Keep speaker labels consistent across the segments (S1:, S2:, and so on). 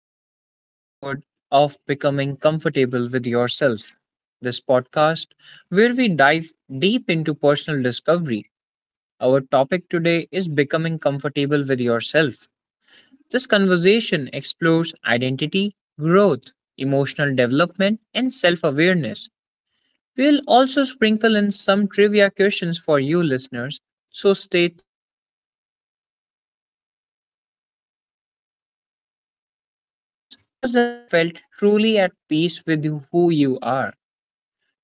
S1: to today's episode of Becoming Comfortable with Yourself, this podcast where we dive deep into personal discovery. Our topic today is Becoming Comfortable with Yourself. This conversation explores identity, growth, emotional development, and self awareness. We'll also sprinkle in some trivia questions for you listeners, so stay tuned. Before we begin, think about this. When was the last time you felt truly at peace with who you are?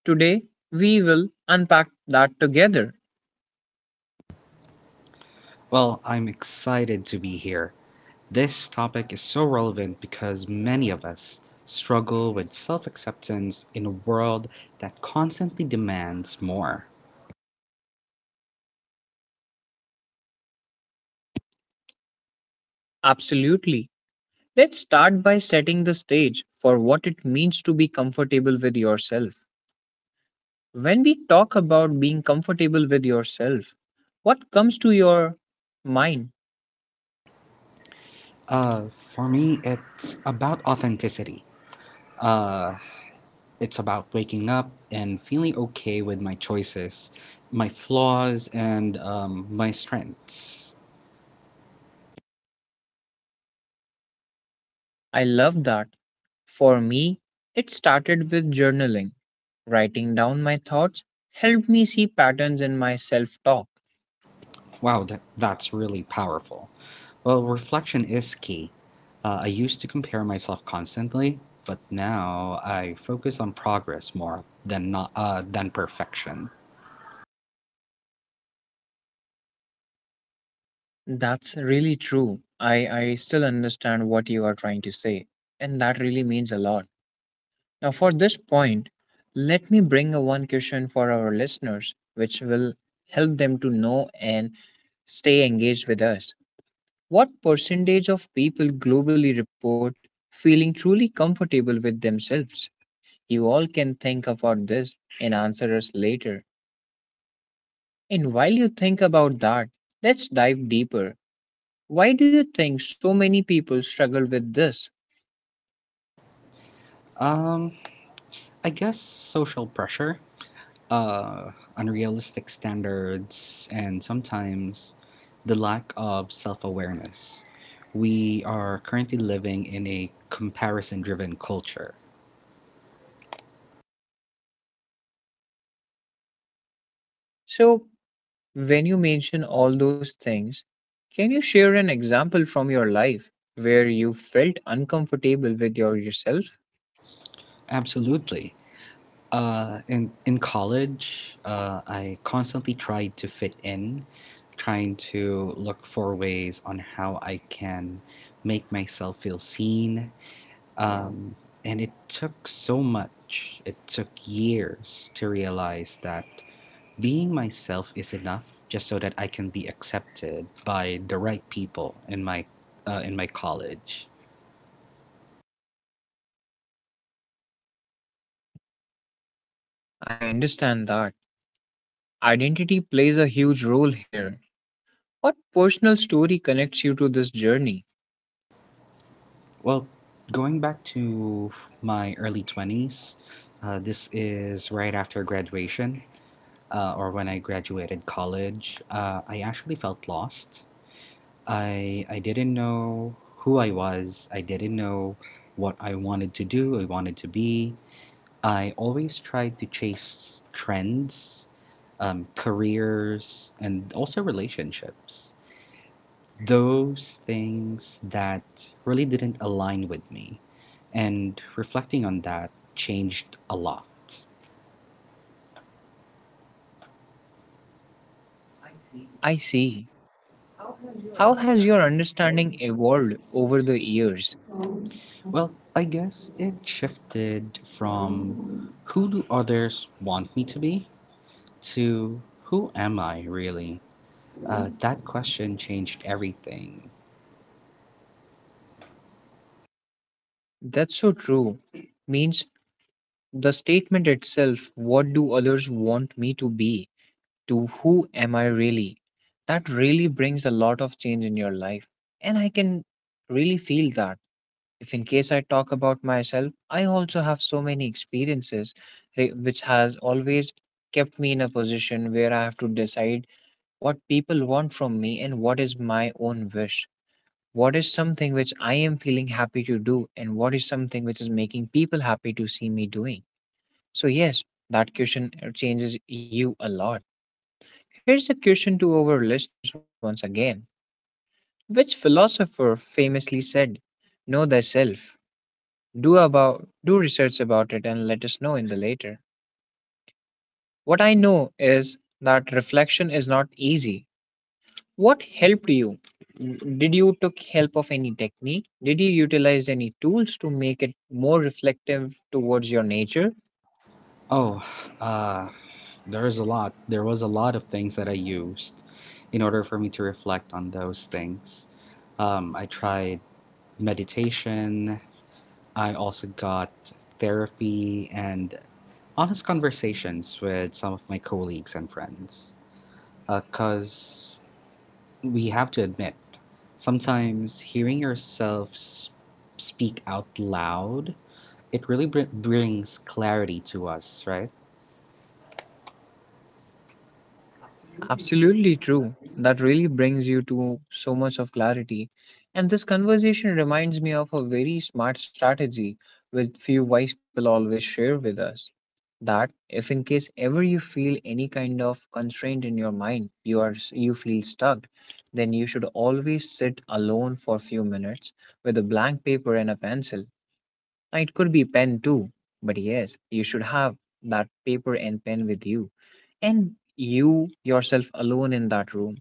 S1: Today, we will unpack that together.
S2: Well, I'm excited to be here. This topic is so relevant because many of us struggle with self acceptance in a world that constantly demands more.
S1: Absolutely. Let's start by setting the stage for what it means to be comfortable with yourself. When we talk about being comfortable with yourself, what comes to your mind?
S2: Uh, for me, it's about authenticity. It's about waking up and feeling okay with my choices, my flaws, and my strengths.
S1: I love that. For me, it started with journaling. Writing down my thoughts helped me see patterns in my self talk.
S2: Wow, that's really powerful. Well, reflection is key. I used to compare myself constantly, but now I focus on progress more than not than perfection.
S1: That's really true. I still understand what you are trying to say, and that really means a lot. Now, for this point, let me bring a one question for our listeners, which will help them to know and stay engaged with us. What percentage of people globally report feeling truly comfortable with themselves? You all can think about this and answer us later. And while you think about that, let's dive deeper. Why do you think so many people struggle with this?
S2: Um, I guess social pressure, uh, unrealistic standards, and sometimes the lack of self-awareness. We are currently living in a comparison-driven culture.
S1: So, when you mention all those things, can you share an example from your life where you felt uncomfortable with your yourself?
S2: Absolutely. In college, I constantly tried to fit in, trying to look for ways on how I can make myself feel seen. Um, and it took so much. It took years to realize that being myself is enough, just so that I can be accepted by the right people in my college.
S1: I understand that. Identity plays a huge role here. What personal story connects you to this journey?
S2: Well, going back to my early 20s, this is right after graduation, or when I graduated college. I actually felt lost. I didn't know who I was. I didn't know what I wanted to do. I wanted to be. I always tried to chase trends, careers, and also relationships those things that really didn't align with me. And reflecting on that changed a lot.
S1: I see. How has your understanding evolved over the years?
S2: Well, I guess it shifted from who do others want me to be to who am I really? That question changed everything.
S1: That's so true. Means the statement itself, what do others want me to be? To who am I really? That really brings a lot of change in your life. And I can really feel that. If in case I talk about myself, I also have so many experiences which has always kept me in a position where I have to decide what people want from me and what is my own wish. What is something which I am feeling happy to do, and what is something which is making people happy to see me doing? So, yes, that question changes you a lot. Here's a question to our listeners once again. Which philosopher famously said, "Know thyself"? Do research about it and let us know in the later. What I know is that reflection is not easy. What helped you? Did you took help of any technique? Did you utilize any tools to make it more reflective towards your nature?
S2: Oh, uh, there's a lot. There was a lot of things that I used in order for me to reflect on those things. I tried meditation. I also got therapy and honest conversations with some of my colleagues and friends. Because we have to admit, sometimes hearing yourself speak out loud, it really brings clarity to us, right?
S1: Absolutely true. That really brings you to so much of clarity. And this conversation reminds me of a very smart strategy which few wise people always share with us. That if in case ever you feel any kind of constraint in your mind, you feel stuck, then you should always sit alone for few minutes with a blank paper and a pencil. Now, it could be pen too, but yes, you should have that paper and pen with you, and you yourself alone in that room.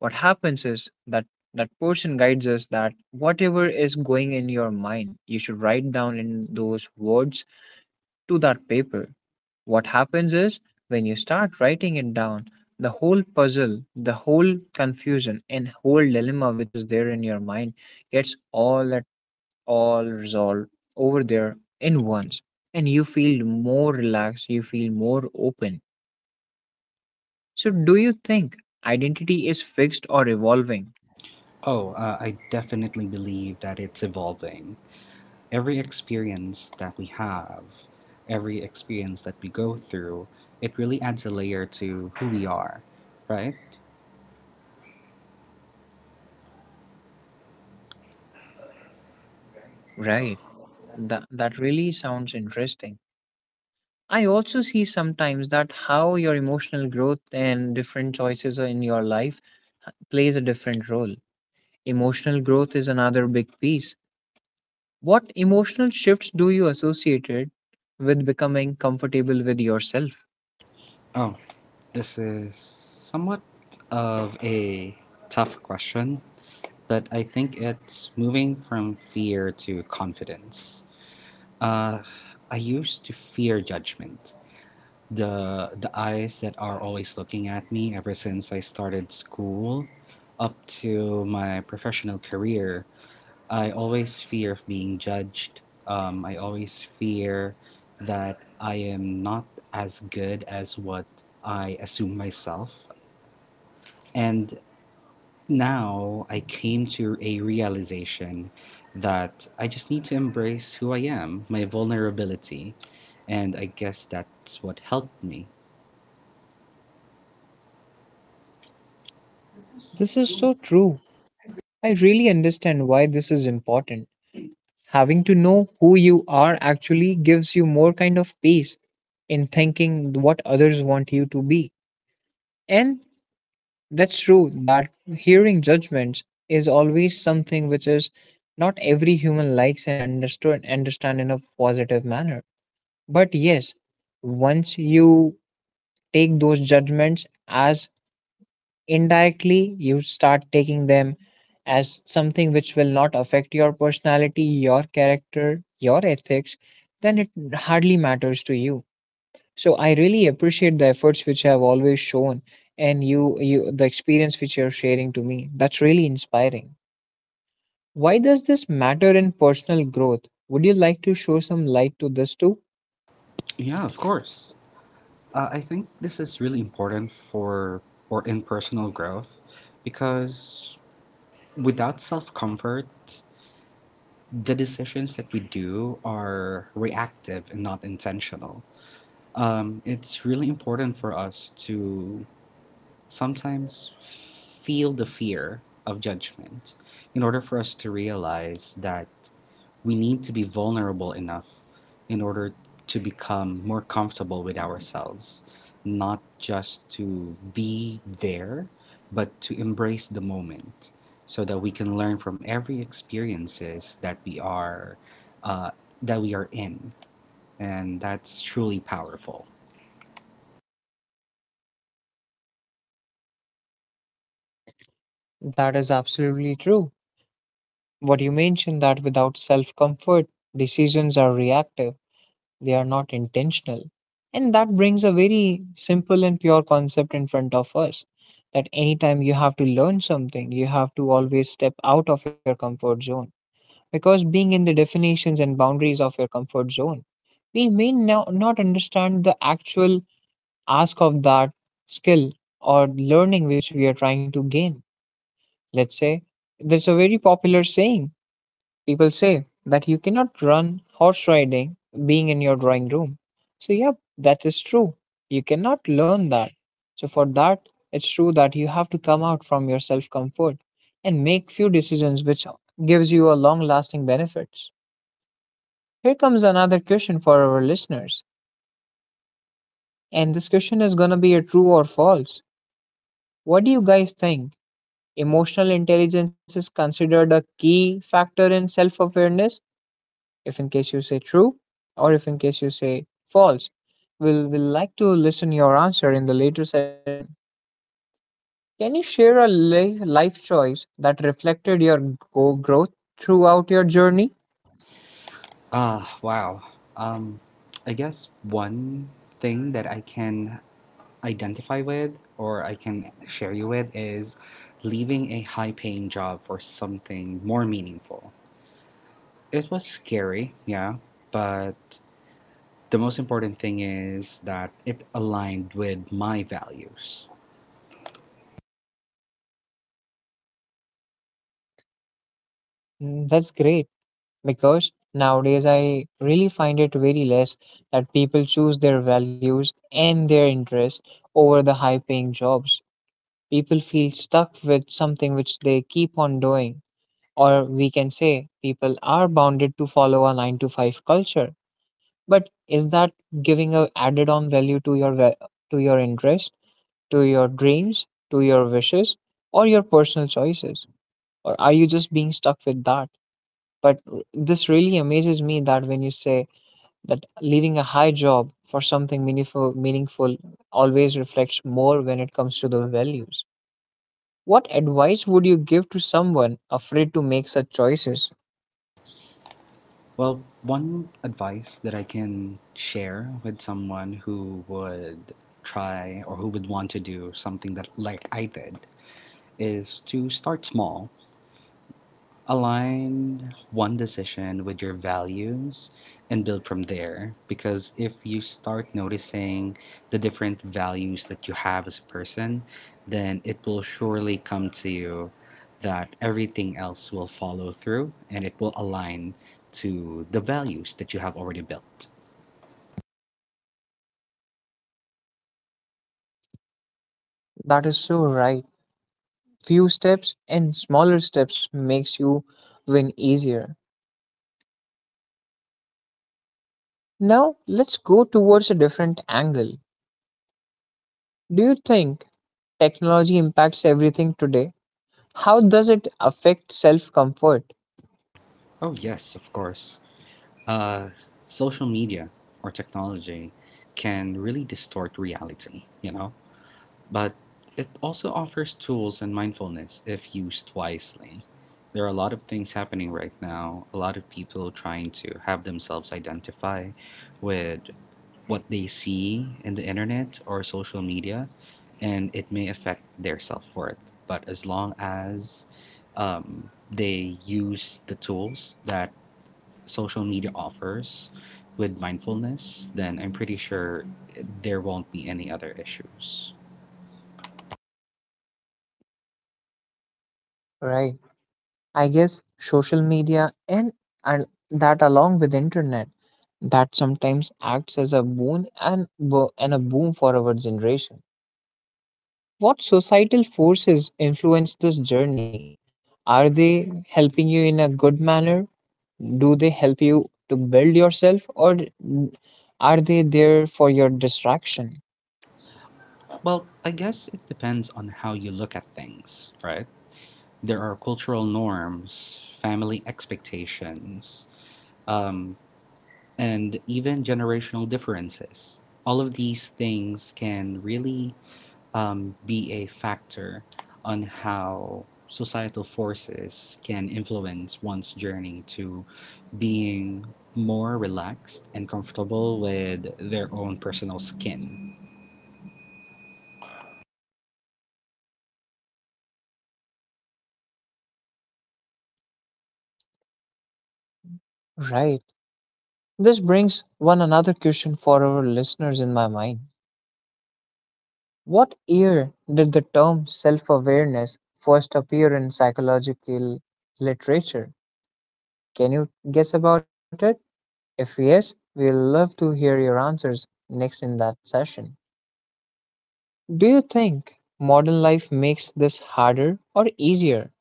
S1: What happens is that that person guides us that whatever is going in your mind you should write down in those words to that paper. What happens is, when you start writing it down, the whole puzzle, the whole confusion and whole dilemma which is there in your mind gets all resolve over there in once, and you feel more relaxed, you feel more open. So, do you think identity is fixed or evolving?
S2: Oh, I definitely believe that it's evolving. Every experience that we have, every experience that we go through, it really adds a layer to who we are, right?
S1: Right. That really sounds interesting. I also see sometimes that how your emotional growth and different choices in your life plays a different role. Emotional growth is another big piece. What emotional shifts do you associated with becoming comfortable with yourself?
S2: Oh, this is somewhat of a tough question, but I think it's moving from fear to confidence. Uh, I used to fear judgment. The eyes that are always looking at me ever since I started school up to my professional career I always fear of being judged. I always fear that I am not as good as what I assume myself. And now I came to a realization that I just need to embrace who I am, my vulnerability. And I guess that's what helped me.
S1: This is so true. I really understand why this is important. Having to know who you are actually gives you more kind of peace in thinking what others want you to be. And that's true that hearing judgments is always something which is not every human likes and understood understand in a positive manner. But yes, once you take those judgments as indirectly you start taking them as something which will not affect your personality, your character, your ethics, then it hardly matters to you. So I really appreciate the efforts which you have always shown and you the experience which you're sharing to me. That's really inspiring. Why does this matter in personal growth? Would you like to show some light to this too?
S2: Yeah, of course. I think this is really important for or in personal growth because without self comfort, the decisions that we do are reactive and not intentional. It's really important for us to sometimes feel the fear of judgment in order for us to realize that we need to be vulnerable enough in order to become more comfortable with ourselves, not just to be there, but to embrace the moment so that we can learn from every experiences uh, that we are in. And that's truly powerful.
S1: That is absolutely true. What you mentioned that without self comfort, decisions are reactive, they are not intentional. And that brings a very simple and pure concept in front of us that anytime you have to learn something, you have to always step out of your comfort zone. Because being in the definitions and boundaries of your comfort zone, we may now not understand the actual ask of that skill or learning which we are trying to gain. Let's say there's a very popular saying. People say that you cannot run horse riding being in your drawing room. So, yeah, that is true. You cannot learn that. So, for that, it's true that you have to come out from your self comfort and make few decisions which gives you a long lasting benefits. Here comes another question for our listeners. And this question is going to be a true or false. What do you guys think? Emotional intelligence is considered a key factor in self awareness. If in case you say true, or if in case you say false. We'll like to listen your answer in the later session. Can you share a life choice that reflected your growth throughout your journey?
S2: Wow. Um, I guess one thing that I can identify with or I can share you with is leaving a high paying job for something more meaningful. It was scary, yeah, but the most important thing is that it aligned with my values.
S1: Mm, that's great because nowadays I really find it very less that people choose their values and their interests over the high paying jobs. People feel stuck with something which they keep on doing. Or we can say people are bounded to follow a 9 to 5 culture. But is that giving a added on value to your to your interest, to your dreams, to your wishes or your personal choices? Or are you just being stuck with that? But this really amazes me that when you say that leaving a high job for something meaningful always reflects more when it comes to the values. What advice would you give to someone afraid to make such choices?
S2: Well, one advice that I can share with someone who would try or who would want to do something that like I did is to start small, align one decision with your values, and build from there. Because if you start noticing the different values that you have as a person, then it will surely come to you that everything else will follow through and it will align to the values that you have already built.
S1: That is so right. Few steps and smaller steps makes you win easier. Now, let's go towards a different angle. Do you think technology impacts everything today? How does it affect self-comfort?
S2: Oh, yes, of course. Uh, Social media or technology can really distort reality, you know? But it also offers tools and mindfulness if used wisely. There are a lot of things happening right now, a lot of people trying to have themselves identify with what they see in the internet or social media, and it may affect their self worth. But as long as they use the tools that social media offers with mindfulness, then I'm pretty sure there won't be any other issues.
S1: Right. I guess social media and, that along with internet that sometimes acts as a boon and a boom for our generation. What societal forces influence this journey? Are they helping you in a good manner? Do they help you to build yourself, or are they there for your distraction?
S2: Well, I guess it depends on how you look at things, right? There are cultural norms, family expectations, um, and even generational differences. All of these things can really be a factor on how societal forces can influence one's journey to being more relaxed and comfortable with their own personal skin.
S1: Right. This brings one another question for our listeners in my mind. What year did the term self awareness first appear in psychological literature? Can you guess about it? If yes, we'll love to hear your answers next in that session. Do you think modern life makes this harder or easier?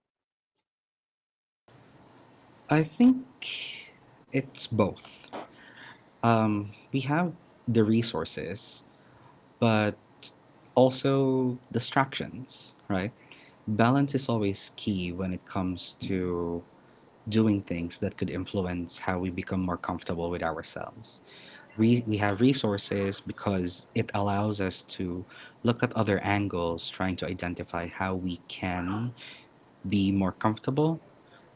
S2: I think it's both. We have the resources, but also distractions, right? Balance is always key when it comes to doing things that could influence how we become more comfortable with ourselves. We have resources because it allows us to look at other angles, trying to identify how we can be more comfortable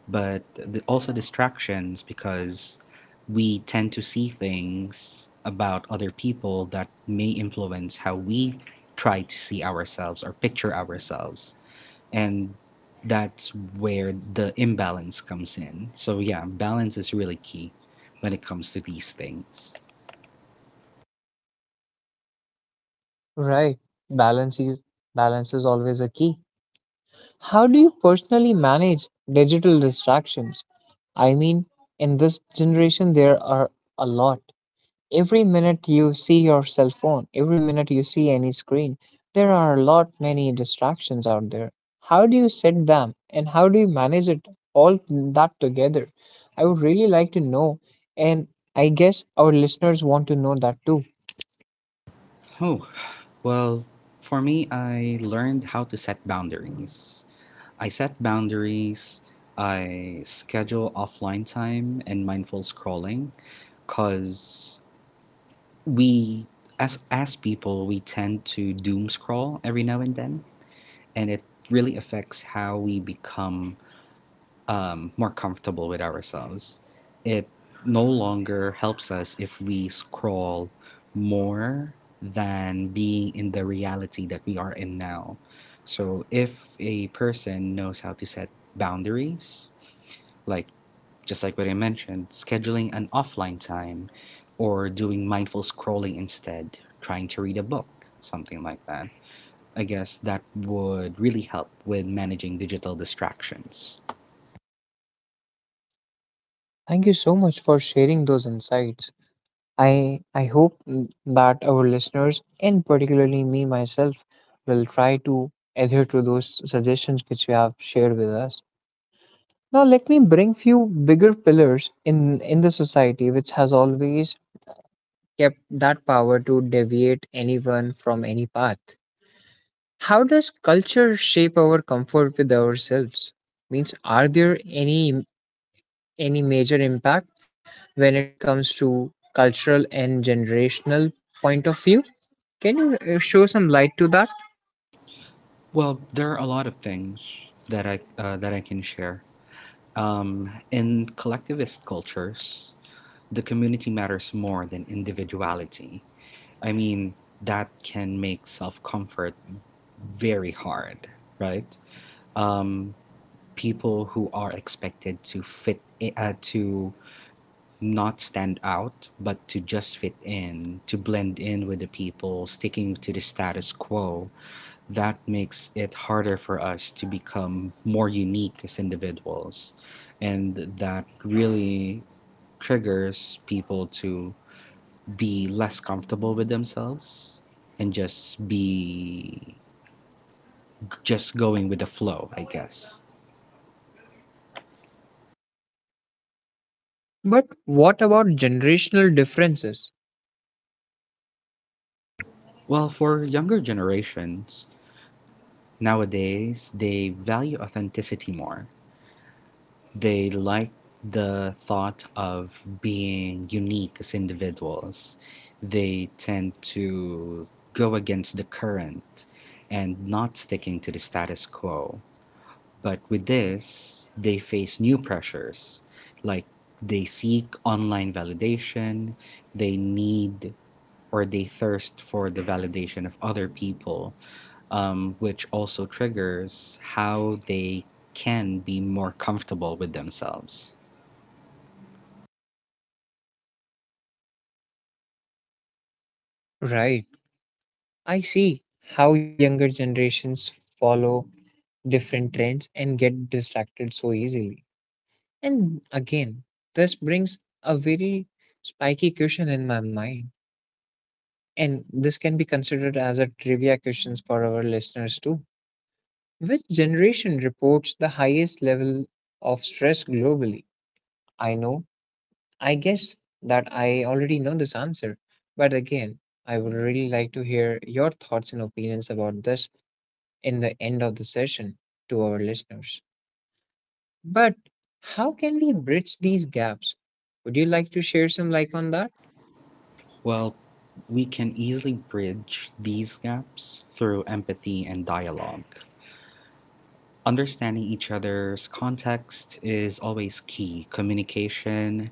S2: but also distractions because we tend to see things about other people that may influence how we try to see ourselves or picture ourselves. And that's where the imbalance comes in. So, yeah, balance is really key when it comes to these things.
S1: Right. Balance is balance is always a key. How do you personally manage digital distractions? I mean, in this generation there are a lot. Every minute you see your cell phone, every minute you see any screen, there are a lot many distractions out there. How do you set them and how do you manage it all that together? I would really like to know, and I guess our listeners want to know that too.
S2: Oh, well, for me, I learned how to set boundaries. I set boundaries, I schedule offline time and mindful scrolling because we, as people, we tend to doom scroll every now and then, and it really affects how we become more comfortable with ourselves. It no longer helps us if we scroll more than being in the reality that we are in now. So, if a person knows how to set boundaries, like just like what I mentioned, scheduling an offline time or doing mindful scrolling instead, trying to read a book, something like that, I guess that would really help with managing digital distractions.
S1: Thank you so much for sharing those insights. I hope that our listeners and particularly me myself will try to adhere to those suggestions which you have shared with us. Now let me bring few bigger pillars in the society which has always kept that power to deviate anyone from any path. How does culture shape our comfort with ourselves? Means are there any im- any major impact when it comes to cultural and generational point of view? Can you show some light to that?
S2: Well, there are a lot of things that I can share. In collectivist cultures, the community matters more than individuality. I mean, that can make self-comfort very hard, right? Um, People who are expected to to not stand out, but to just fit in, to blend in with the people, sticking to the status quo, that makes it harder for us to become more unique as individuals. And that really triggers people to be less comfortable with themselves and just be just going with the flow, I guess.
S1: But what about generational differences?
S2: Well, for younger generations, nowadays they value authenticity more. They like the thought of being unique as individuals. They tend to go against the current and not sticking to the status quo. But with this, they face new pressures. Like they seek online validation, they need or they thirst for the validation of other people, which also triggers how they can be more comfortable with themselves.
S1: Right. I see how younger generations follow different trends and get distracted so easily. And again, this brings a very spiky question in my mind. And this can be considered as a trivia questions for our listeners too. Which generation reports the highest level of stress globally? I know, I guess that I already know this answer. But again, I would really like to hear your thoughts and opinions about this in the end of the session to our listeners. But how can we bridge these gaps? Would you like to share some light on that?
S2: Well, we can easily bridge these gaps through empathy and dialogue. Understanding each other's context is always key. Communication,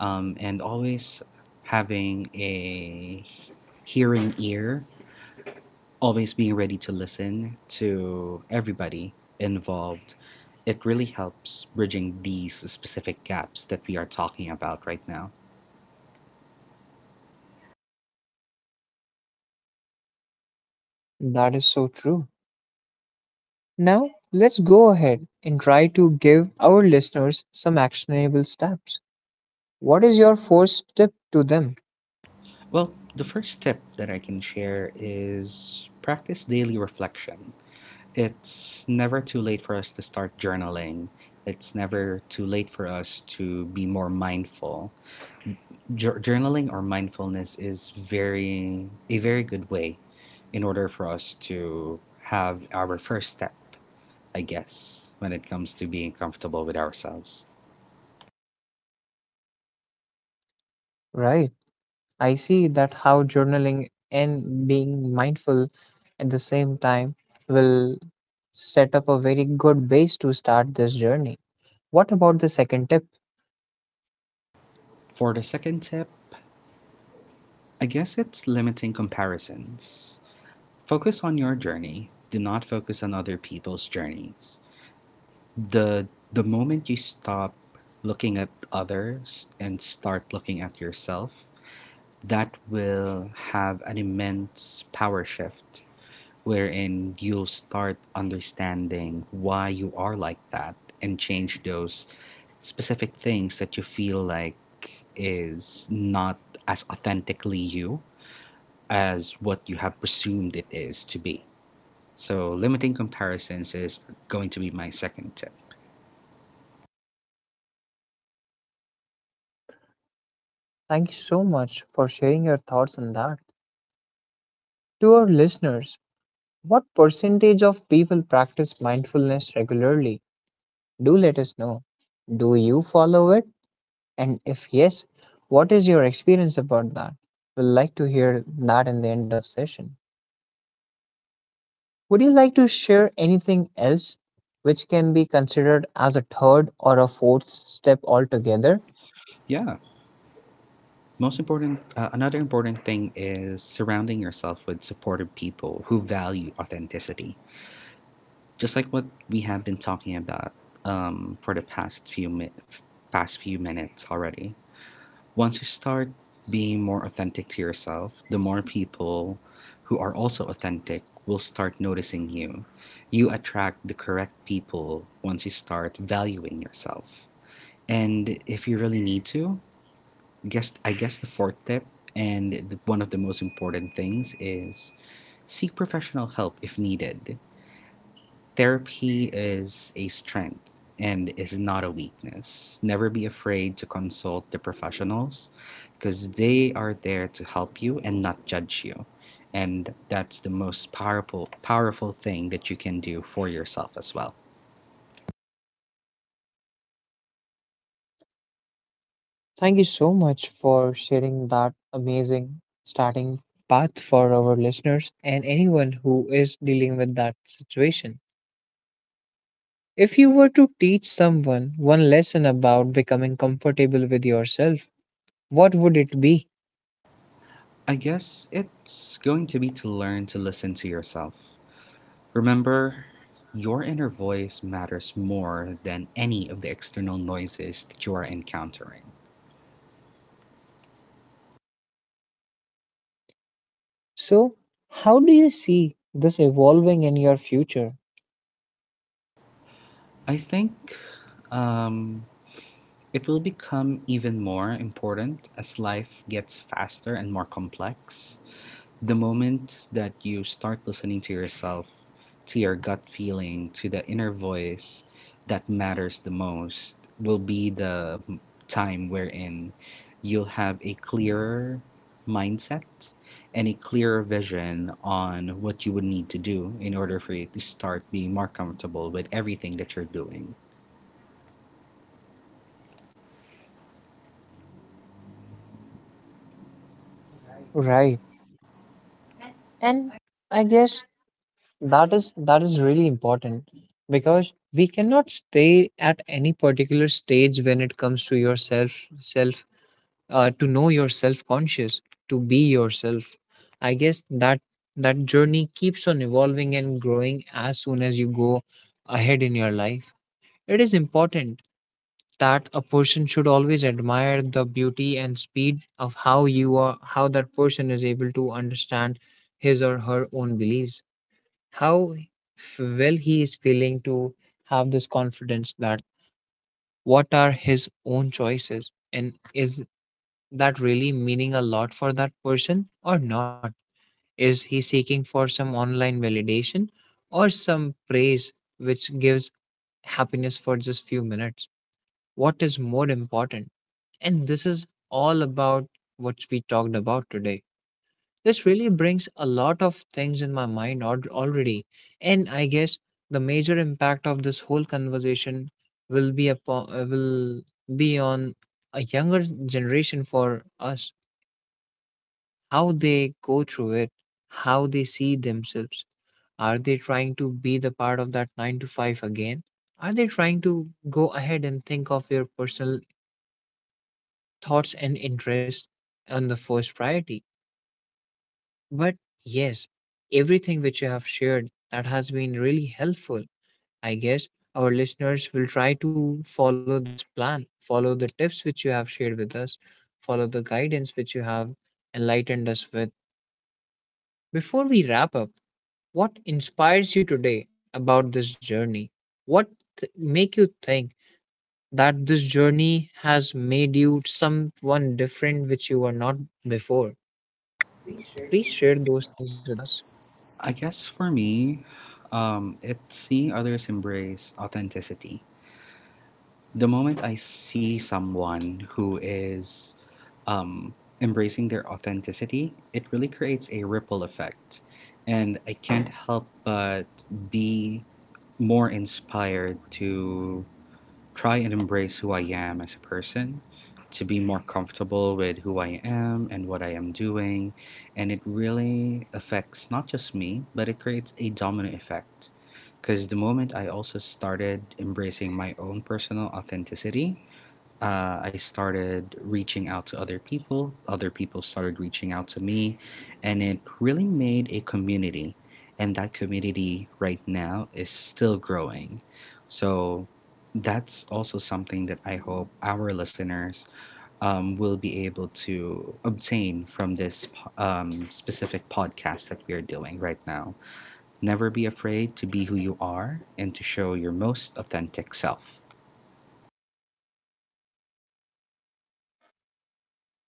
S2: and always having a hearing ear, always being ready to listen to everybody involved. It really helps bridging these specific gaps that we are talking about right now.
S1: That is so true. Now, let's go ahead and try to give our listeners some actionable steps. What is your first tip to them?
S2: Well, the first tip that I can share is practice daily reflection. It's never too late for us to start journaling. It's never too late for us to be more mindful. Journaling or mindfulness is very a very good way in order for us to have our first step, I guess, when it comes to being comfortable with ourselves.
S1: Right. I see that how journaling and being mindful at the same time will set up a very good base to start this journey. What about the second tip?
S2: For the second tip, I guess it's limiting comparisons. Focus on your journey. Do not focus on other people's journeys. the the moment you stop looking at others and start looking at yourself, that will have an immense power shift wherein you'll start understanding why you are like that and change those specific things that you feel like is not as authentically you as what you have presumed it is to be. So limiting comparisons is going to be my second tip.
S1: Thank you so much for sharing your thoughts on that. To our listeners, what percentage of people practice mindfulness regularly? Do let us know. Do you follow it? And if yes, what is your experience about that? We'd like to hear that in the end of session. Would you like to share anything else which can be considered as a third or a fourth step altogether?
S2: Yeah. Most important, another important thing is surrounding yourself with supportive people who value authenticity. Just like what we have been talking about for the past few minutes already. Once you start being more authentic to yourself, the more people who are also authentic will start noticing you. You attract the correct people once you start valuing yourself. And if you really need to, guess I guess the fourth tip and one of the most important things is seek professional help if needed. Therapy is a strength and is not a weakness. Never be afraid to consult the professionals because they are there to help you and not judge you. And that's the most powerful thing that you can do for yourself as well.
S1: Thank you so much for sharing that amazing starting path for our listeners and anyone who is dealing with that situation. If you were to teach someone one lesson about becoming comfortable with yourself, what would it be?
S2: I guess it's going to be to learn to listen to yourself. Remember, your inner voice matters more than any of the external noises that you are encountering.
S1: So, how do you see this evolving in your future?
S2: I think um, it will become even more important as life gets faster and more complex. The moment that you start listening to yourself, to your gut feeling, to the inner voice that matters the most, will be the time wherein you'll have a clearer mindset and a clearer vision on what you would need to do in order for you to start being more comfortable with everything that you're doing.
S1: Right. And I guess that is really important because we cannot stay at any particular stage when it comes to your self self to know you self-conscious, to be yourself. I guess that that journey keeps on evolving and growing as soon as you go ahead in your life. It is important that a person should always admire the beauty and speed of how you are, how that person is able to understand his or her own beliefs, how well he is feeling, to have this confidence that what are his own choices and is that really meaning a lot for that person or not? Is he seeking for some online validation or some praise which gives happiness for just few minutes? What is more important? And this is all about what we talked about today. This really brings a lot of things in my mind already. And I guess the major impact of this whole conversation will be on a younger generation for us, how they go through it, how they see themselves. Are they trying to be the part of that 9 to 5 again? Are they trying to go ahead and think of their personal thoughts and interests on the first priority? But yes, everything which you have shared, that has been really helpful. I guess our listeners will try to follow this plan, follow the tips which you have shared with us, follow the guidance which you have enlightened us with. Before we wrap up, what inspires you today about this journey? What make you think that this journey has made you someone different which you were not before? Please share those things with us.
S2: I guess for me, it's seeing others embrace authenticity. The moment I see someone who is um, embracing their authenticity, it really creates a ripple effect. And I can't help but be more inspired to try and embrace who I am as a person, to be more comfortable with who I am and what I am doing. And it really affects not just me, but it creates a domino effect. Because the moment I also started embracing my own personal authenticity, I started reaching out to other people. Other people started reaching out to me, and it really made a community. And that community right now is still growing. So that's also something that I hope our listeners will be able to obtain from this specific podcast that we are doing right now. Never be afraid to be who you are and to show your most authentic self.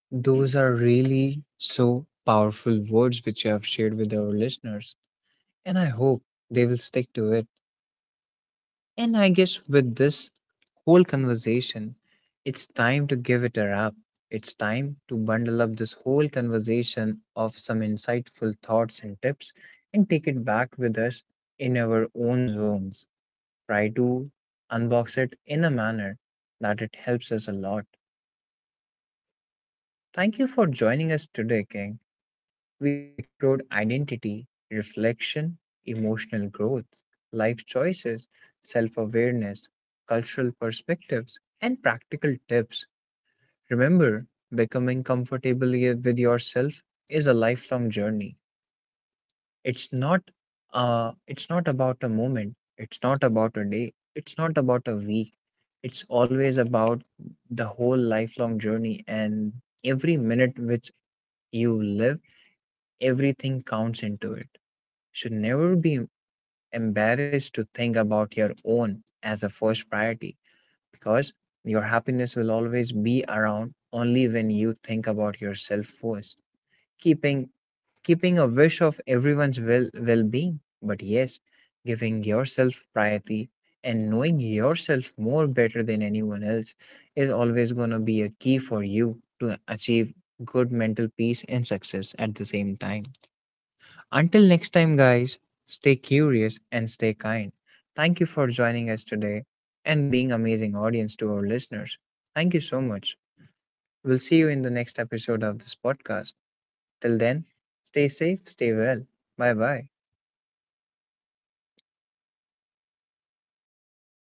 S1: Those are really so powerful words which you have shared with our listeners, and I hope they will stick to it. And I guess with this whole conversation, it's time to give it a wrap. It's time to bundle up this whole conversation of some insightful thoughts and tips and take it back with us in our own zones. Try to unbox it in a manner that it helps us a lot. Thank you for joining us today, King. We have explored identity, reflection, emotional growth, life choices, self awareness, cultural perspectives, and practical tips. Remember, becoming comfortable with yourself is a lifelong journey. It's not about a moment, it's not about a day, it's not about a week. It's always about the whole lifelong journey, and every minute which you live, everything counts into it. Should never be embarrassed to think about your own as a first priority, because your happiness will always be around only when you think about yourself first, keeping keeping a wish of everyone's well-being, but yes, giving yourself priority and knowing yourself more better than anyone else is always going to be a key for you to achieve good mental peace and success at the same time. Until next time, guys, stay curious and stay kind. Thank you for joining us today and being amazing audience to our listeners. Thank you so much. We'll see you in the next episode of this podcast. Till then, stay safe, stay well. Bye bye.